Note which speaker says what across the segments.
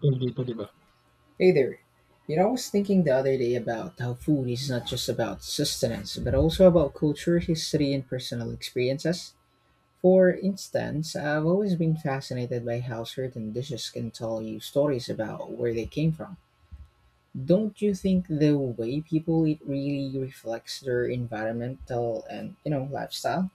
Speaker 1: Pretty well.
Speaker 2: Hey there. You know, I was thinking the other day about how food is not just about sustenance, but also about culture, history, and personal experiences. For instance, I've always been fascinated by how certain dishes can tell you stories about where they came from. Don't you think the way people eat really reflects their environmental and, lifestyle?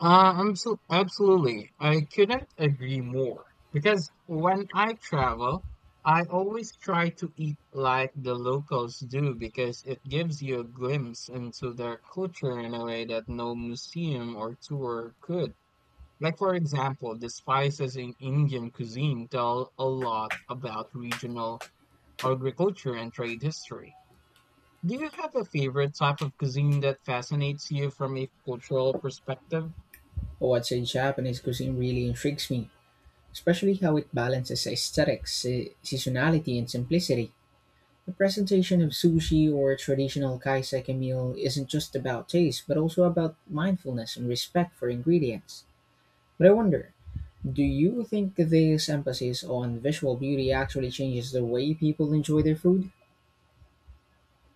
Speaker 1: I'm so absolutely. I couldn't agree more because when I travel, I always try to eat like the locals do because it gives you a glimpse into their culture in a way that no museum or tour could. Like for example, the spices in Indian cuisine tell a lot about regional agriculture and trade history. Do you have a favorite type of cuisine that fascinates you from a cultural perspective?
Speaker 2: What's in Japanese cuisine really intrigues me, especially how it balances aesthetics, seasonality, and simplicity. The presentation of sushi or a traditional kaiseki meal isn't just about taste, but also about mindfulness and respect for ingredients. But I wonder, do you think this emphasis on visual beauty actually changes the way people enjoy their food?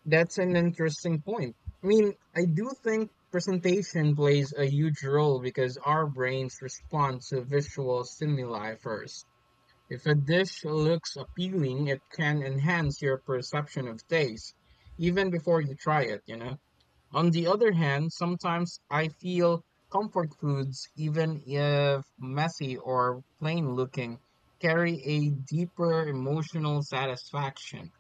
Speaker 1: That's an interesting point. I mean, I do think presentation plays a huge role because our brains respond to visual stimuli first. If a dish looks appealing, it can enhance your perception of taste, even before you try it. On the other hand, sometimes I feel comfort foods, even if messy or plain looking, carry a deeper emotional satisfaction.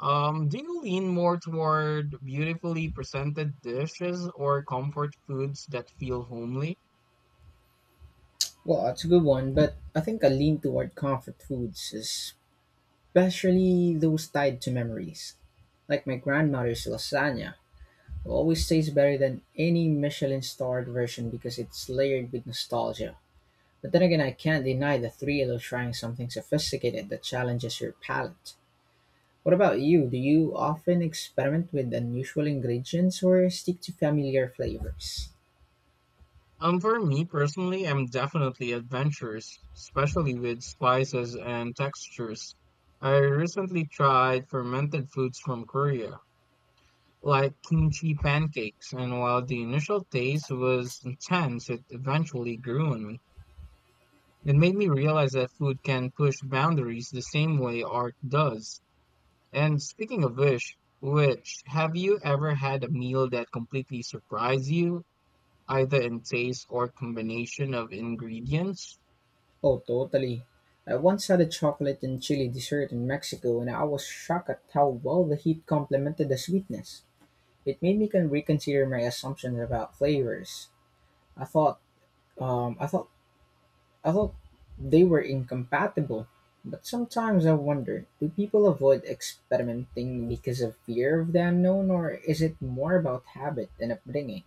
Speaker 1: Do you lean more toward beautifully presented dishes or comfort foods that feel homely?
Speaker 2: Well, it's a good one, but I think I lean toward comfort foods, especially those tied to memories. Like my grandmother's lasagna, it always tastes better than any Michelin starred version because it's layered with nostalgia. But then again, I can't deny the thrill of trying something sophisticated that challenges your palate. What about you? Do you often experiment with unusual ingredients or stick to familiar flavors?
Speaker 1: For me personally, I'm definitely adventurous, especially with spices and textures. I recently tried fermented foods from Korea, like kimchi pancakes, and while the initial taste was intense, it eventually grew on me. It made me realize that food can push boundaries the same way art does. And speaking of which, have you ever had a meal that completely surprised you, either in taste or combination of ingredients?
Speaker 2: Oh, totally. I once had a chocolate and chili dessert in Mexico, and I was shocked at how well the heat complemented the sweetness. It made me can reconsider my assumptions about flavors. I thought, um, I thought I thought they were incompatible, but sometimes I wonder, do people avoid experimenting because of fear of the unknown, or is it more about habit and upbringing?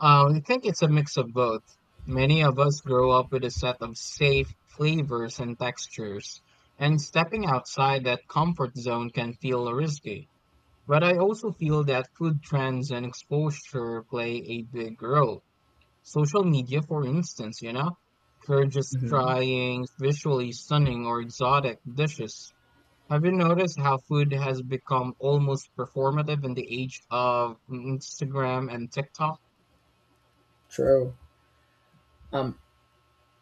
Speaker 1: I think it's a mix of both. Many of us grow up with a set of safe flavors and textures, and stepping outside that comfort zone can feel risky. But I also feel that food trends and exposure play a big role. Social media, for instance, encourages
Speaker 2: Hmm.
Speaker 1: trying visually stunning or exotic dishes. Have you noticed how food has become almost performative in the age of Instagram and TikTok?
Speaker 2: True. Um,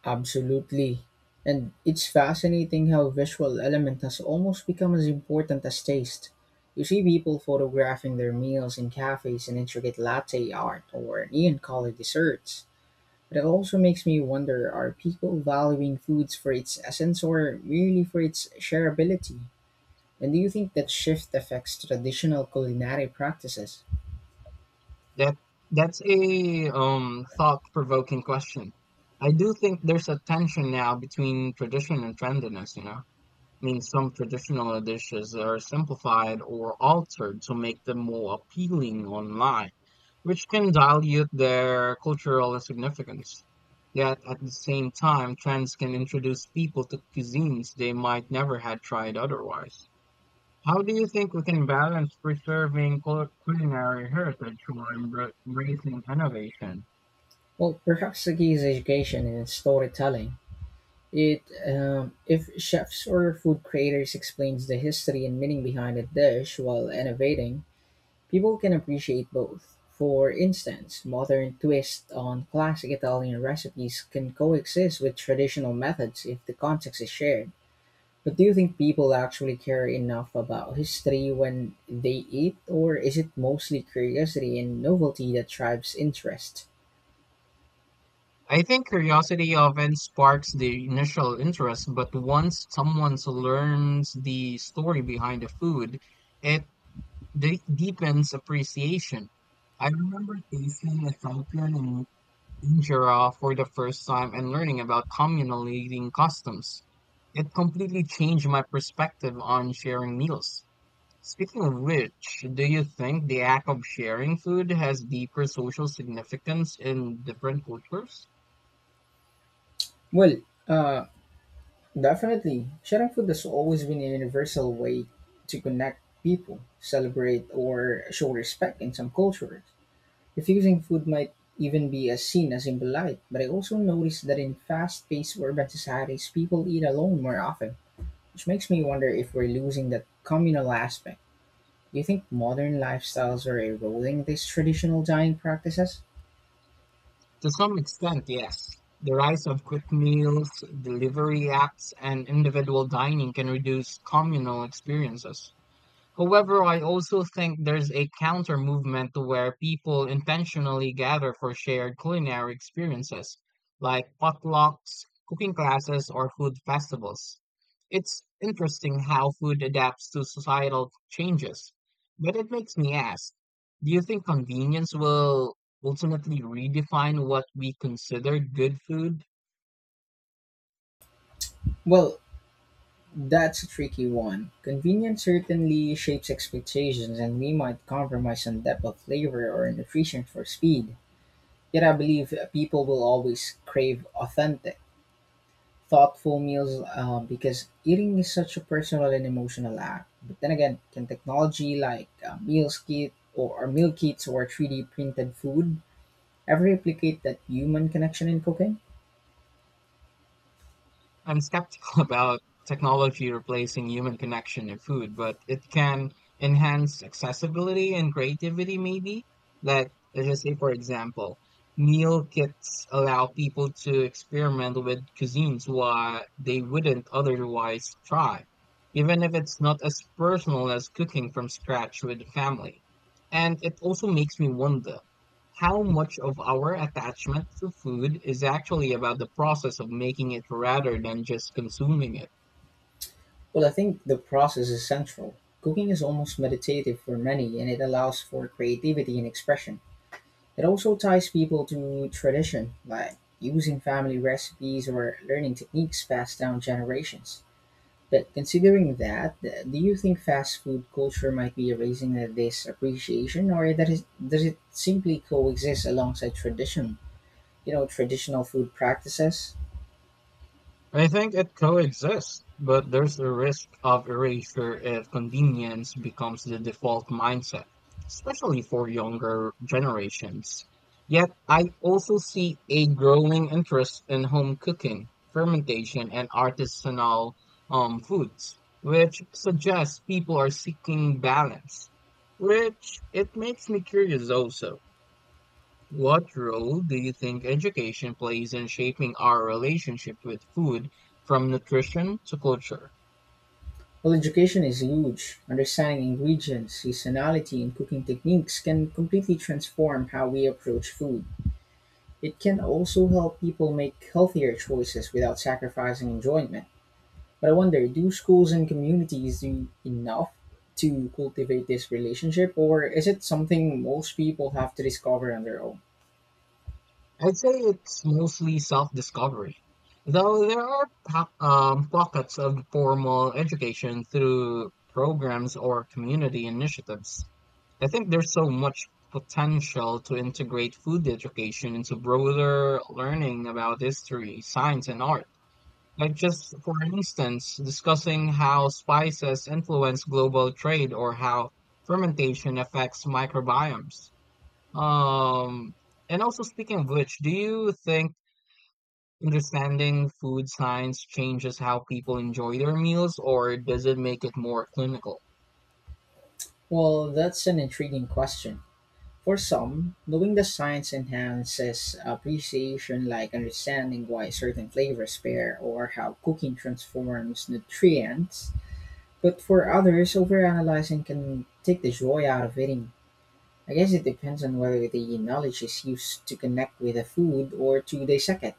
Speaker 2: Absolutely. And it's fascinating how visual element has almost become as important as taste. You see people photographing their meals in cafes in intricate latte art or neon colored desserts. But it also makes me wonder, are people valuing foods for its essence or merely for its shareability? And do you think that shift affects traditional culinary practices?
Speaker 1: That that's a thought-provoking question. I do think there's a tension now between tradition and trendiness. I mean, some traditional dishes are simplified or altered to make them more appealing online, which can dilute their cultural significance. Yet at the same time, trends can introduce people to cuisines they might never had tried otherwise. How do you think we can balance preserving culinary heritage while embracing innovation?
Speaker 2: Well, perhaps the key is education and storytelling. If chefs or food creators explains the history and meaning behind a dish while innovating, people can appreciate both. For instance, modern twists on classic Italian recipes can coexist with traditional methods if the context is shared. But do you think people actually care enough about history when they eat, or is it mostly curiosity and novelty that drives interest?
Speaker 1: I think curiosity often sparks the initial interest, but once someone learns the story behind the food, it deepens appreciation. I remember tasting Ethiopian in injera for the first time and learning about communal eating customs. It completely changed my perspective on sharing meals. Speaking of which, do you think the act of sharing food has deeper social significance in different cultures?
Speaker 2: Well, uh, Definitely, sharing food has always been a universal way to connect people, celebrate, or show respect in some cultures. Diffusing food might even be as seen as impolite, but I also noticed that in fast paced urban societies, people eat alone more often, which makes me wonder if we're losing that communal aspect. Do you think modern lifestyles are eroding these traditional dining practices?
Speaker 1: To some extent, yes. The rise of quick meals, delivery apps, and individual dining can reduce communal experiences. However, I also think there's a counter movement to where people intentionally gather for shared culinary experiences, like potlucks, cooking classes, or food festivals. It's interesting how food adapts to societal changes, but it makes me ask, do you think convenience will ultimately redefine what we consider good food?
Speaker 2: Well, that's a tricky one. Convenience certainly shapes expectations, and we might compromise on depth of flavor or nutrition for speed. Yet, I believe people will always crave authentic, thoughtful meals because eating is such a personal and emotional act. But then again, can technology like meal kits or 3D printed food ever replicate that human connection in cooking?
Speaker 1: I'm skeptical about technology replacing human connection in food, but it can enhance accessibility and creativity, maybe. Like, let's just say, for example, meal kits allow people to experiment with cuisines why they wouldn't otherwise try, even if it's not as personal as cooking from scratch with family. And it also makes me wonder how much of our attachment to food is actually about the process of making it rather than just consuming it.
Speaker 2: Well, I think the process is central. Cooking is almost meditative for many, and it allows for creativity and expression. It also ties people to tradition, like using family recipes or learning techniques passed down generations. But considering that, do you think fast food culture might be erasing this appreciation, or that is, does it simply coexist alongside tradition? You know, traditional food practices.
Speaker 1: I think it coexists, but there's a risk of erasure if convenience becomes the default mindset, especially for younger generations. Yet, I also see a growing interest in home cooking, fermentation, and artisanal foods, which suggests people are seeking balance, which it makes me curious also. What role do you think education plays in shaping our relationship with food from nutrition to culture?
Speaker 2: While education is huge, understanding ingredients, seasonality, and cooking techniques can completely transform how we approach food. It can also help people make healthier choices without sacrificing enjoyment. But I wonder, do schools and communities do enough to cultivate this relationship, or is it something most people have to discover on their own?
Speaker 1: I'd say it's mostly self discovery, though there are pockets of formal education through programs or community initiatives. I think there's so much potential to integrate food education into broader learning about history, science, and art. Like just for instance, discussing how spices influence global trade or how fermentation affects microbiomes. Um, and also speaking of which, do you think understanding food science changes how people enjoy their meals or does it make it more clinical?
Speaker 2: Well, that's an intriguing question. For some, knowing the science enhances appreciation, like understanding why certain flavors pair or how cooking transforms nutrients. But for others, overanalyzing can take the joy out of eating. I guess it depends on whether the knowledge is used to connect with the food or to dissect it.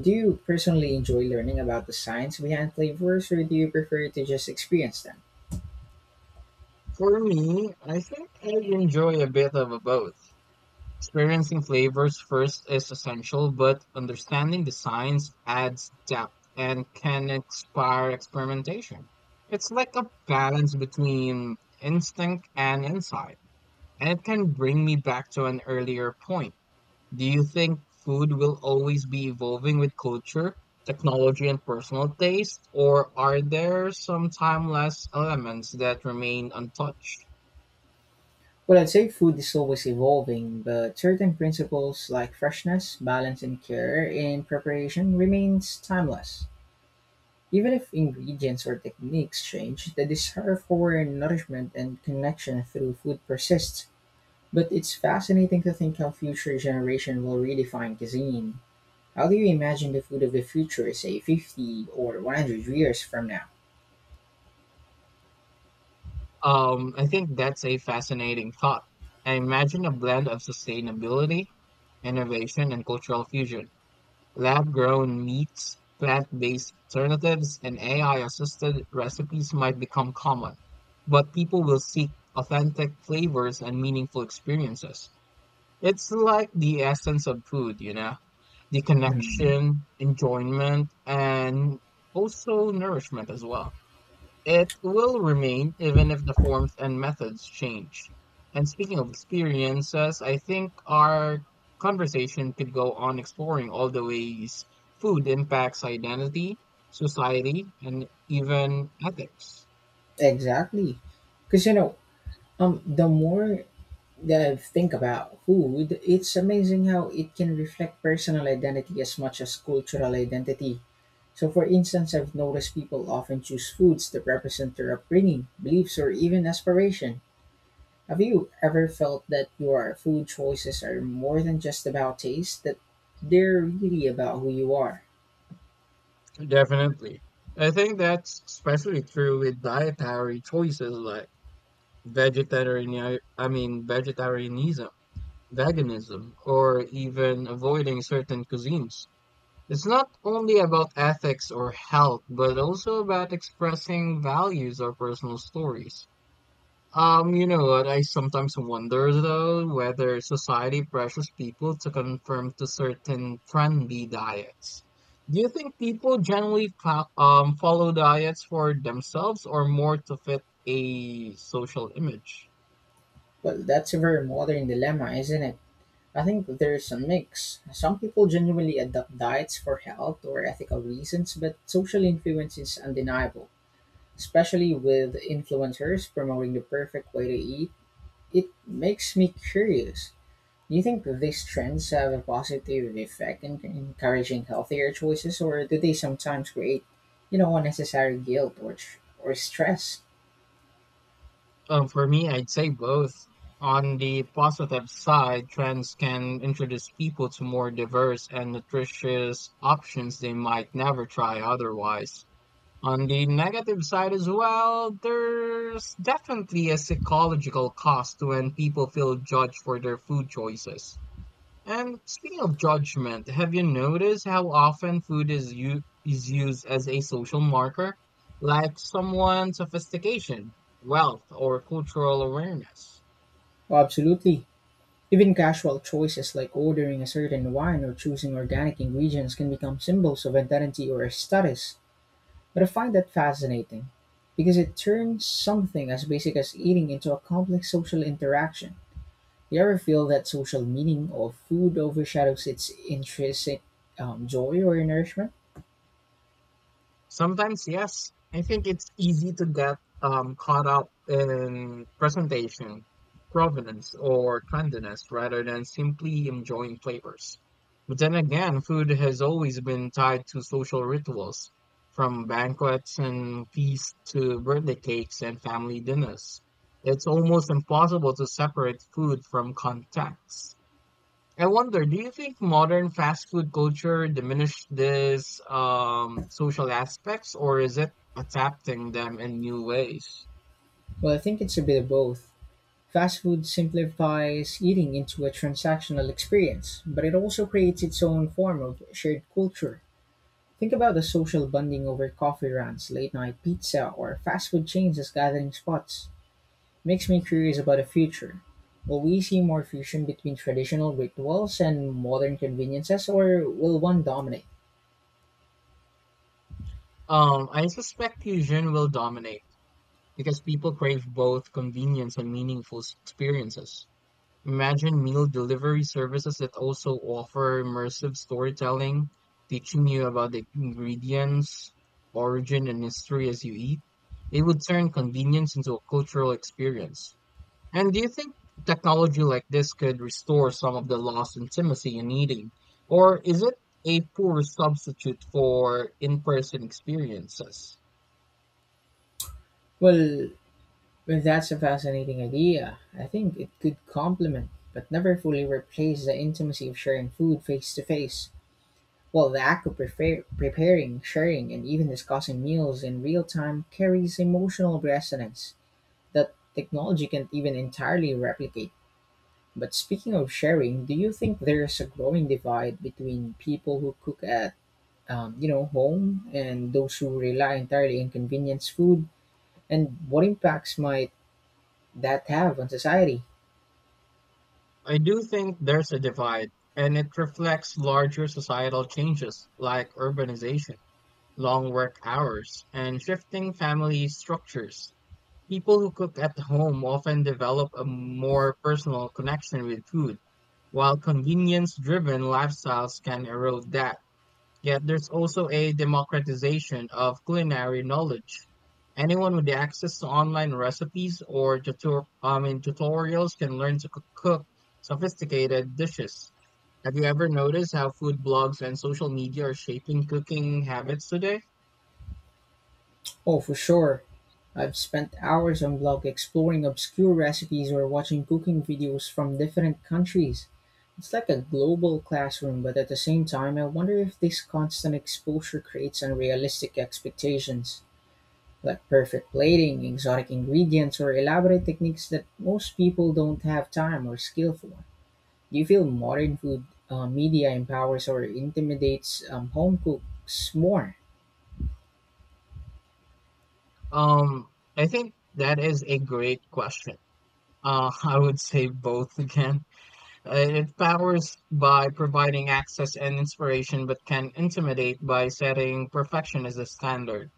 Speaker 2: Do you personally enjoy learning about the science behind flavors, or do you prefer to just experience them?
Speaker 1: For me, I think I enjoy a bit of a both. Experiencing flavors first is essential, but understanding the science adds depth and can inspire experimentation. It's like a balance between instinct and insight, and it can bring me back to an earlier point. Do you think food will always be evolving with culture, technology, and personal taste, or are there some timeless elements that remain untouched?
Speaker 2: Well, I'd say food is always evolving, but certain principles like freshness, balance, and care in preparation remains timeless. Even if ingredients or techniques change, the desire for nourishment and connection through food persists. But it's fascinating to think how future generation will redefine cuisine. How do you imagine the food of the future, say 50 or 100 years from now?
Speaker 1: I think that's a fascinating thought. I imagine a blend of sustainability, innovation, and cultural fusion. Lab grown meats, plant based alternatives, and AI assisted recipes might become common, but people will seek authentic flavors and meaningful experiences. It's like the essence of food, the
Speaker 2: Mhm.
Speaker 1: connection, enjoyment, and also nourishment as well. It will remain even if the forms and methods change. And speaking of experiences, I think our conversation could go on exploring all the ways food impacts identity, society, and even ethics.
Speaker 2: Exactly. Because, the more that I think about food, it's amazing how it can reflect personal identity as much as cultural identity. So, for instance, I've noticed people often choose foods that represent their upbringing, beliefs, or even aspiration. Have you ever felt that your food choices are more than just about taste, that they're really about who you are?
Speaker 1: Definitely. I think that's especially true with dietary choices like vegetarianism, veganism, or even avoiding certain cuisines. It's not only about ethics or health, but also about expressing values or personal stories. You know what? I sometimes wonder though whether society pressures people to conform to certain trendy diets. Do you think people generally follow diets for themselves or more to fit a social image?
Speaker 2: Well, that's a very modern dilemma, isn't it? I think there's a mix. Some people genuinely adopt diets for health or ethical reasons, but social influence is undeniable. Especially with influencers promoting the perfect way to eat, it makes me curious. Do you think these trends have a positive effect in encouraging healthier choices, or do they sometimes create, unnecessary guilt or stress?
Speaker 1: For me, I'd say both. On the positive side, trends can introduce people to more diverse and nutritious options they might never try otherwise. On the negative side as well, there's definitely a psychological cost when people feel judged for their food choices. And speaking of judgment, have you noticed how often food is used as a social marker, like someone's sophistication, wealth, or cultural awareness?
Speaker 2: Well, absolutely. Even casual choices like ordering a certain wine or choosing organic ingredients can become symbols of identity or status. But I find that fascinating because it turns something as basic as eating into a complex social interaction. Do you ever feel that social meaning of food overshadows its intrinsic joy or nourishment?
Speaker 1: Sometimes, yes. I think it's easy to get caught up in presentation, provenance, or trendiness rather than simply enjoying flavors. But then again, food has always been tied to social rituals, from banquets and feasts to birthday cakes and family dinners. It's almost impossible to separate food from context. I wonder, do you think modern fast food culture diminished these social aspects, or is it adapting them in new ways?
Speaker 2: Well, I think it's a bit of both. Fast food simplifies eating into a transactional experience, but it also creates its own form of shared culture. Think about the social bonding over coffee runs, late night pizza, or fast food chains as gathering spots. Makes me curious about the future. Will we see more fusion between traditional rituals and modern conveniences, or will one dominate?
Speaker 1: I suspect fusion will dominate because people crave both convenience and meaningful experiences. Imagine meal delivery services that also offer immersive storytelling, teaching you about the ingredients, origin, and history as you eat. It would turn convenience into a cultural experience. And do you think technology like this could restore some of the lost intimacy in eating? Or is it a poor substitute for in person experiences?
Speaker 2: Well, well, that's a fascinating idea. I think it could complement, but never fully replace the intimacy of sharing food face to face. While the act of preparing, sharing, and even discussing meals in real time carries emotional resonance that technology can't even entirely replicate. But speaking of sharing, do you think there's a growing divide between people who cook at home and those who rely entirely on convenience food? And what impacts might that have on society?
Speaker 1: I do think there's a divide, and it reflects larger societal changes like urbanization, long work hours, and shifting family structures. People who cook at home often develop a more personal connection with food, while convenience driven lifestyles can erode that. Yet there's also a democratization of culinary knowledge. Anyone with access to online recipes or tutorials can learn to cook sophisticated dishes. Have you ever noticed how food blogs and social media are shaping cooking habits today?
Speaker 2: Oh, for sure. I've spent hours on blog exploring obscure recipes or watching cooking videos from different countries. It's like a global classroom, but at the same time, I wonder if this constant exposure creates unrealistic expectations, like perfect plating, exotic ingredients, or elaborate techniques that most people don't have time or skill for. Do you feel modern food media empowers or intimidates home cooks more?
Speaker 1: Um, I think that is a great question. I would say both again. Uh, It powers by providing access and inspiration, but can intimidate by setting perfection as a standard.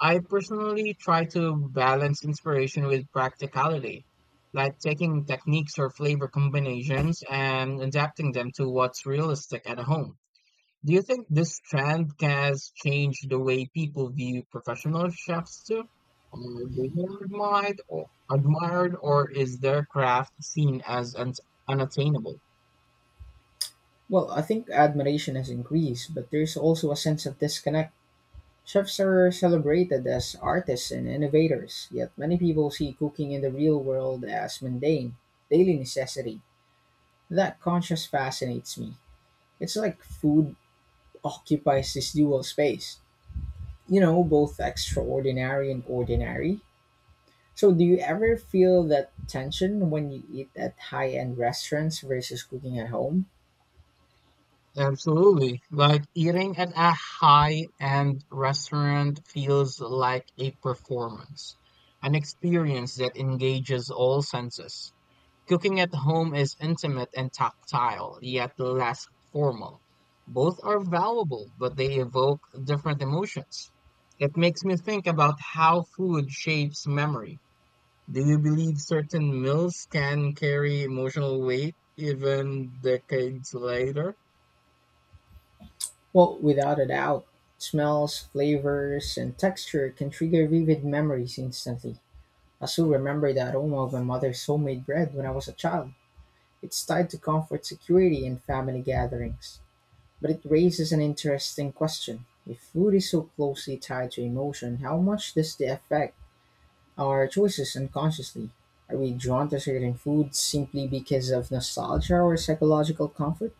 Speaker 1: I personally try to balance inspiration with practicality, like taking techniques or flavor combinations and adapting them to what's realistic at home. Do you think this trend has changed the way people view professional chefs too? Are they more admired, or is their craft seen as unattainable?
Speaker 2: Well, I think admiration has increased, but there's also a sense of disconnect. Chefs are celebrated as artists and innovators, yet many people see cooking in the real world as mundane, daily necessity. That contrast fascinates me. It's like food occupies this dual space, you know, both extraordinary and ordinary. So, do you ever feel that tension when you eat at high end restaurants versus cooking at home?
Speaker 1: Absolutely. Like eating at a high-end restaurant feels like a performance, an experience that engages all senses. Cooking at home is intimate and tactile, yet less formal. Both are valuable, but they evoke different emotions. It makes me think about how food shapes memory. Do you believe certain meals can carry emotional weight even decades later?
Speaker 2: Well, without a doubt, smells, flavors, and texture can trigger vivid memories instantly. I still remember the aroma of my mother's homemade bread when I was a child. It's tied to comfort, security, and family gatherings. But it raises an interesting question. If food is so closely tied to emotion, how much does it affect our choices unconsciously? Are we drawn to certain foods simply because of nostalgia or psychological comfort?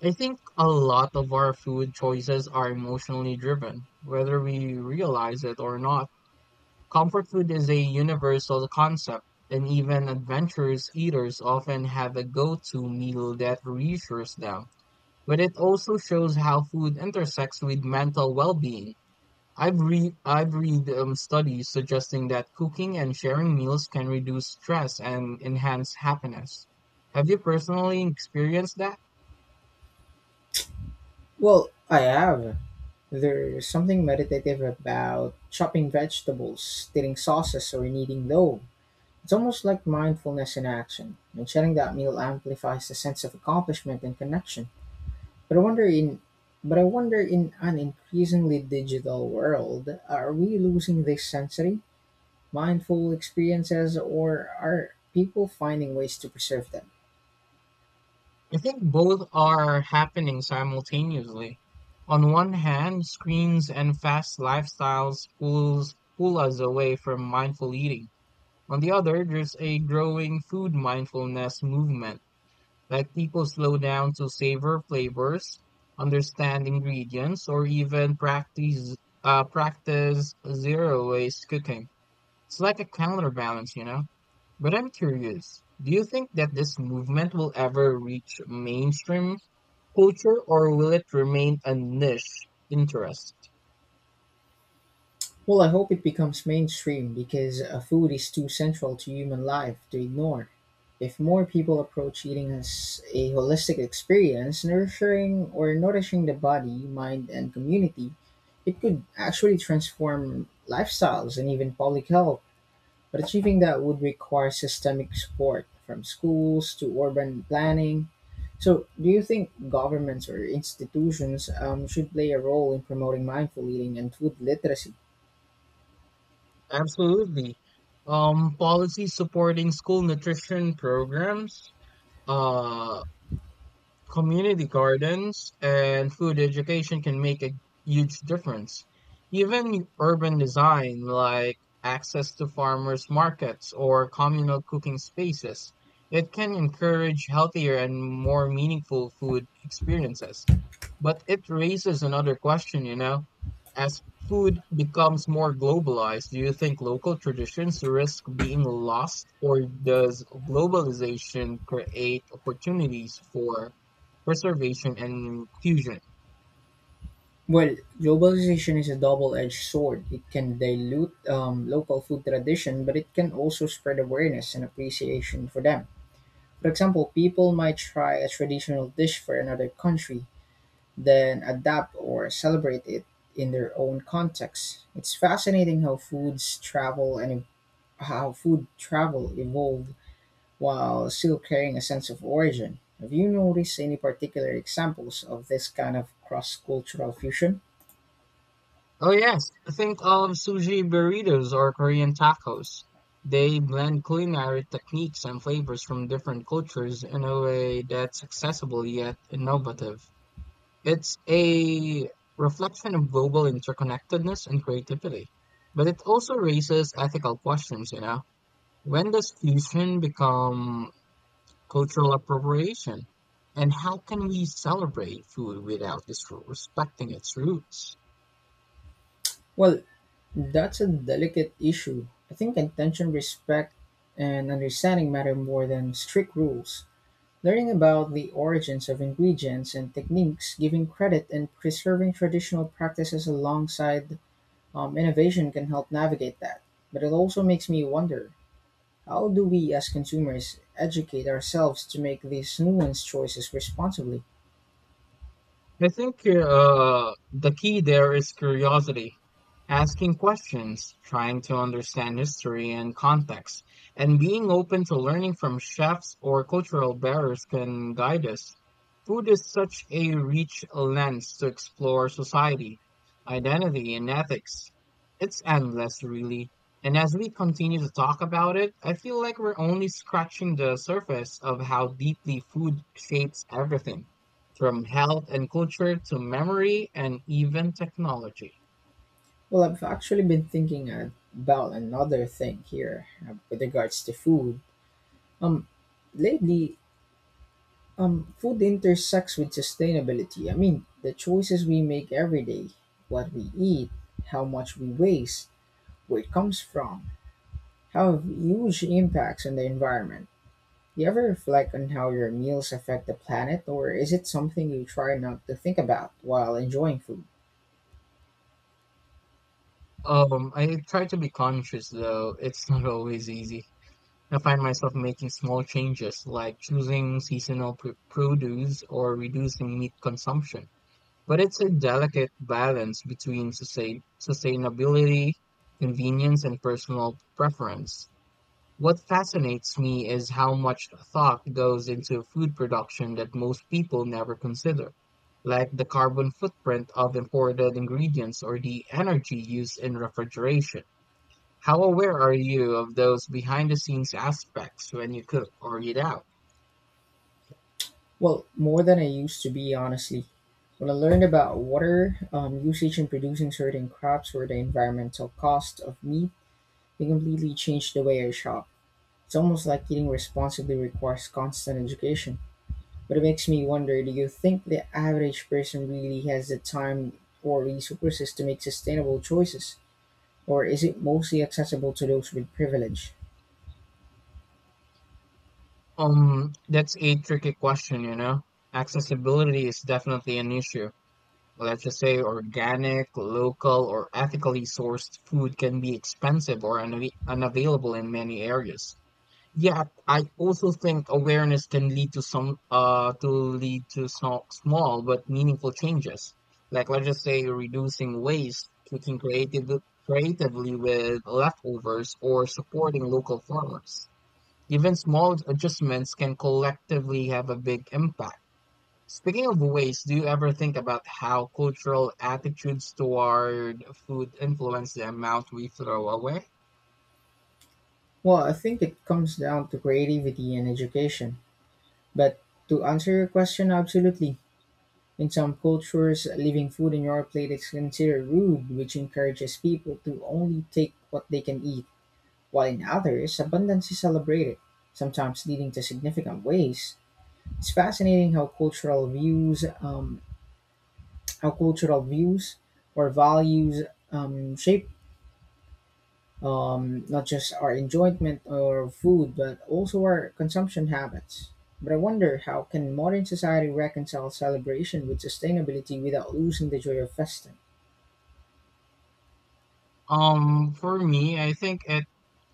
Speaker 1: I think a lot of our food choices are emotionally driven, whether we realize it or not. Comfort food is a universal concept, and even adventurous eaters often have a go to meal that reassures them. But it also shows how food intersects with mental well being. I've read studies suggesting that cooking and sharing meals can reduce stress and enhance happiness. Have you personally experienced that?
Speaker 2: Well, I have. There's something meditative about chopping vegetables, stirring sauces, or kneading dough. It's almost like mindfulness in action, and sharing that meal amplifies the sense of accomplishment and connection. But I wonder in but I wonder, in an increasingly digital world, are we losing this sensory, mindful experiences, or are people finding ways to preserve them?
Speaker 1: I think both are happening simultaneously. On one hand, screens and fast lifestyles pull us away from mindful eating. On the other, there's a growing food mindfulness movement, like people slow down to savor flavors, understand ingredients, or even practice zero waste cooking. It's like a counterbalance. But I'm curious, do you think that this movement will ever reach mainstream culture, or will it remain a niche interest?
Speaker 2: Well, I hope it becomes mainstream because food is too central to human life to ignore. If more people approach eating as a holistic experience, nurturing or nourishing the body, mind, and community, it could actually transform lifestyles and even public health. But achieving that would require systemic support from schools to urban planning. So, do you think governments or institutions should play a role in promoting mindful eating and food literacy?
Speaker 1: Absolutely. Policies supporting school nutrition programs, uh, community gardens, and food education can make a huge difference. Even urban design, like access to farmers' markets or communal cooking spaces, it can encourage healthier and more meaningful food experiences. But it raises another question. As food becomes more globalized, do you think local traditions risk being lost, or does globalization create opportunities for preservation and fusion?
Speaker 2: Well, globalization is a double-edged sword. It can dilute local food tradition, but it can also spread awareness and appreciation for them. For example, people might try a traditional dish for another country, then adapt or celebrate it in their own context. It's fascinating how foods travel and ev- how food travel evolved while still carrying a sense of origin. Have you noticed any particular examples of this kind of cross-cultural fusion?
Speaker 1: Oh yes, think of sushi burritos or Korean tacos. They blend culinary techniques and flavors from different cultures in a way that's accessible yet innovative. It's a reflection of global interconnectedness and creativity. But it also raises ethical questions. When does fusion become cultural appropriation? And how can we celebrate food without disrespecting its roots?
Speaker 2: Well, that's a delicate issue. I think intention, respect, and understanding matter more than strict rules. Learning about the origins of ingredients and techniques, giving credit, and preserving traditional practices alongside innovation can help navigate that. But it also makes me wonder, how do we as consumers educate ourselves to make these nuanced choices responsibly?
Speaker 1: I think the key there is curiosity. Asking questions, trying to understand history and context, and being open to learning from chefs or cultural bearers can guide us. Food is such a rich lens to explore society, identity, and ethics. It's endless, really. And as we continue to talk about it, I feel like we're only scratching the surface of how deeply food shapes everything from health and culture to memory and even technology.
Speaker 2: Well, I've actually been thinking about another thing here with regards to food. Um, lately, food intersects with sustainability. I mean, the choices we make every day, what we eat, how much we waste, where it comes from, have huge impacts on the environment. You ever reflect on how your meals affect the planet, or is it something you try not to think about while enjoying food?
Speaker 1: I try to be conscious, though it's not always easy. I find myself making small changes, like choosing seasonal produce or reducing meat consumption. But it's a delicate balance between sustainability, convenience, and personal preference. What fascinates me is how much thought goes into food production that most people never consider, like the carbon footprint of imported ingredients or the energy used in refrigeration. How aware are you of those behind the scenes aspects when you cook or eat out?
Speaker 2: Well, more than I used to be, honestly. When I learned about water usage in producing certain crops or the environmental cost of meat, it completely changed the way I shop. It's almost like eating responsibly requires constant education. But it makes me wonder, do you think the average person really has the time or resources to make sustainable choices? Or is it mostly accessible to those with privilege?
Speaker 1: That's a tricky question. Accessibility is definitely an issue. Let's just say organic, local, or ethically sourced food can be expensive or unavailable in many areas. Yet, I also think awareness can lead to some to lead to some small but meaningful changes. Like, let's just say, reducing waste, cooking creatively with leftovers, or supporting local farmers. Even small adjustments can collectively have a big impact. Speaking of waste, do you ever think about how cultural attitudes toward food influence the amount we throw away?
Speaker 2: Well, I think it comes down to creativity and education. But to answer your question, absolutely. In some cultures, leaving food on your plate is considered rude, which encourages people to only take what they can eat, while in others, abundance is celebrated, sometimes leading to significant waste. It's fascinating how cultural views or values shape, not just our enjoyment or food, but also our consumption habits. But I wonder, how can modern society reconcile celebration with sustainability without losing the joy of festing?
Speaker 1: For me, I think it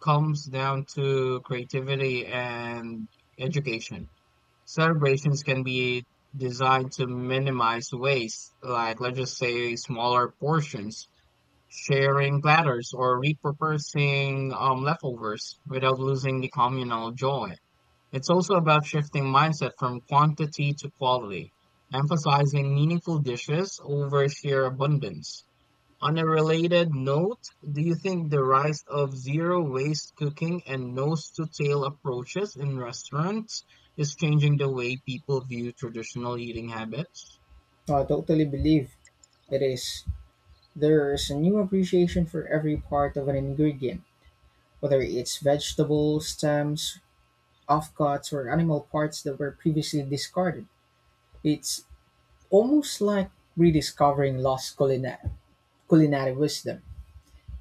Speaker 1: comes down to creativity and education. Celebrations can be designed to minimize waste, like, let's just say, smaller portions, sharing platters, or repurposing leftovers without losing the communal joy. It's also about shifting mindset from quantity to quality, emphasizing meaningful dishes over sheer abundance. On a related note, do you think the rise of zero-waste cooking and nose-to-tail approaches in restaurants is changing the way people view traditional eating habits?
Speaker 2: So I totally believe it is. There's a new appreciation for every part of an ingredient, whether it's vegetables, stems, offcuts, or animal parts that were previously discarded. It's almost like rediscovering lost culinary wisdom.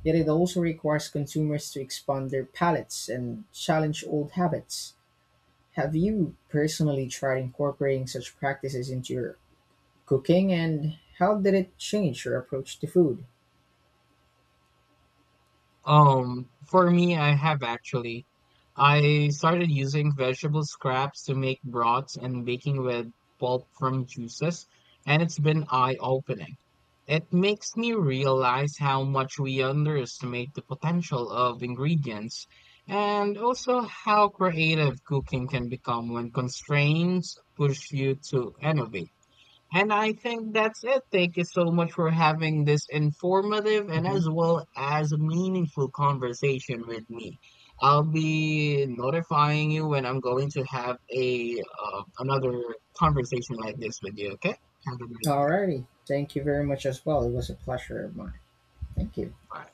Speaker 2: Yet it also requires consumers to expand their palates and challenge old habits. Have you personally tried incorporating such practices into your cooking and how did it change your approach to food?
Speaker 1: For me, I have, actually. I started using vegetable scraps to make broths and baking with pulp from juices, and it's been eye-opening. It makes me realize how much we underestimate the potential of ingredients, and also how creative cooking can become when constraints push you to innovate. And I think that's it. Thank you so much for having this informative and
Speaker 2: Mm-hmm.
Speaker 1: as well as meaningful conversation with me. I'll be notifying you when I'm going to have a another conversation like this with you. Okay? Have a great day.
Speaker 2: Alrighty. Thank you very much as well. It was a pleasure of mine. Thank you.
Speaker 1: Bye.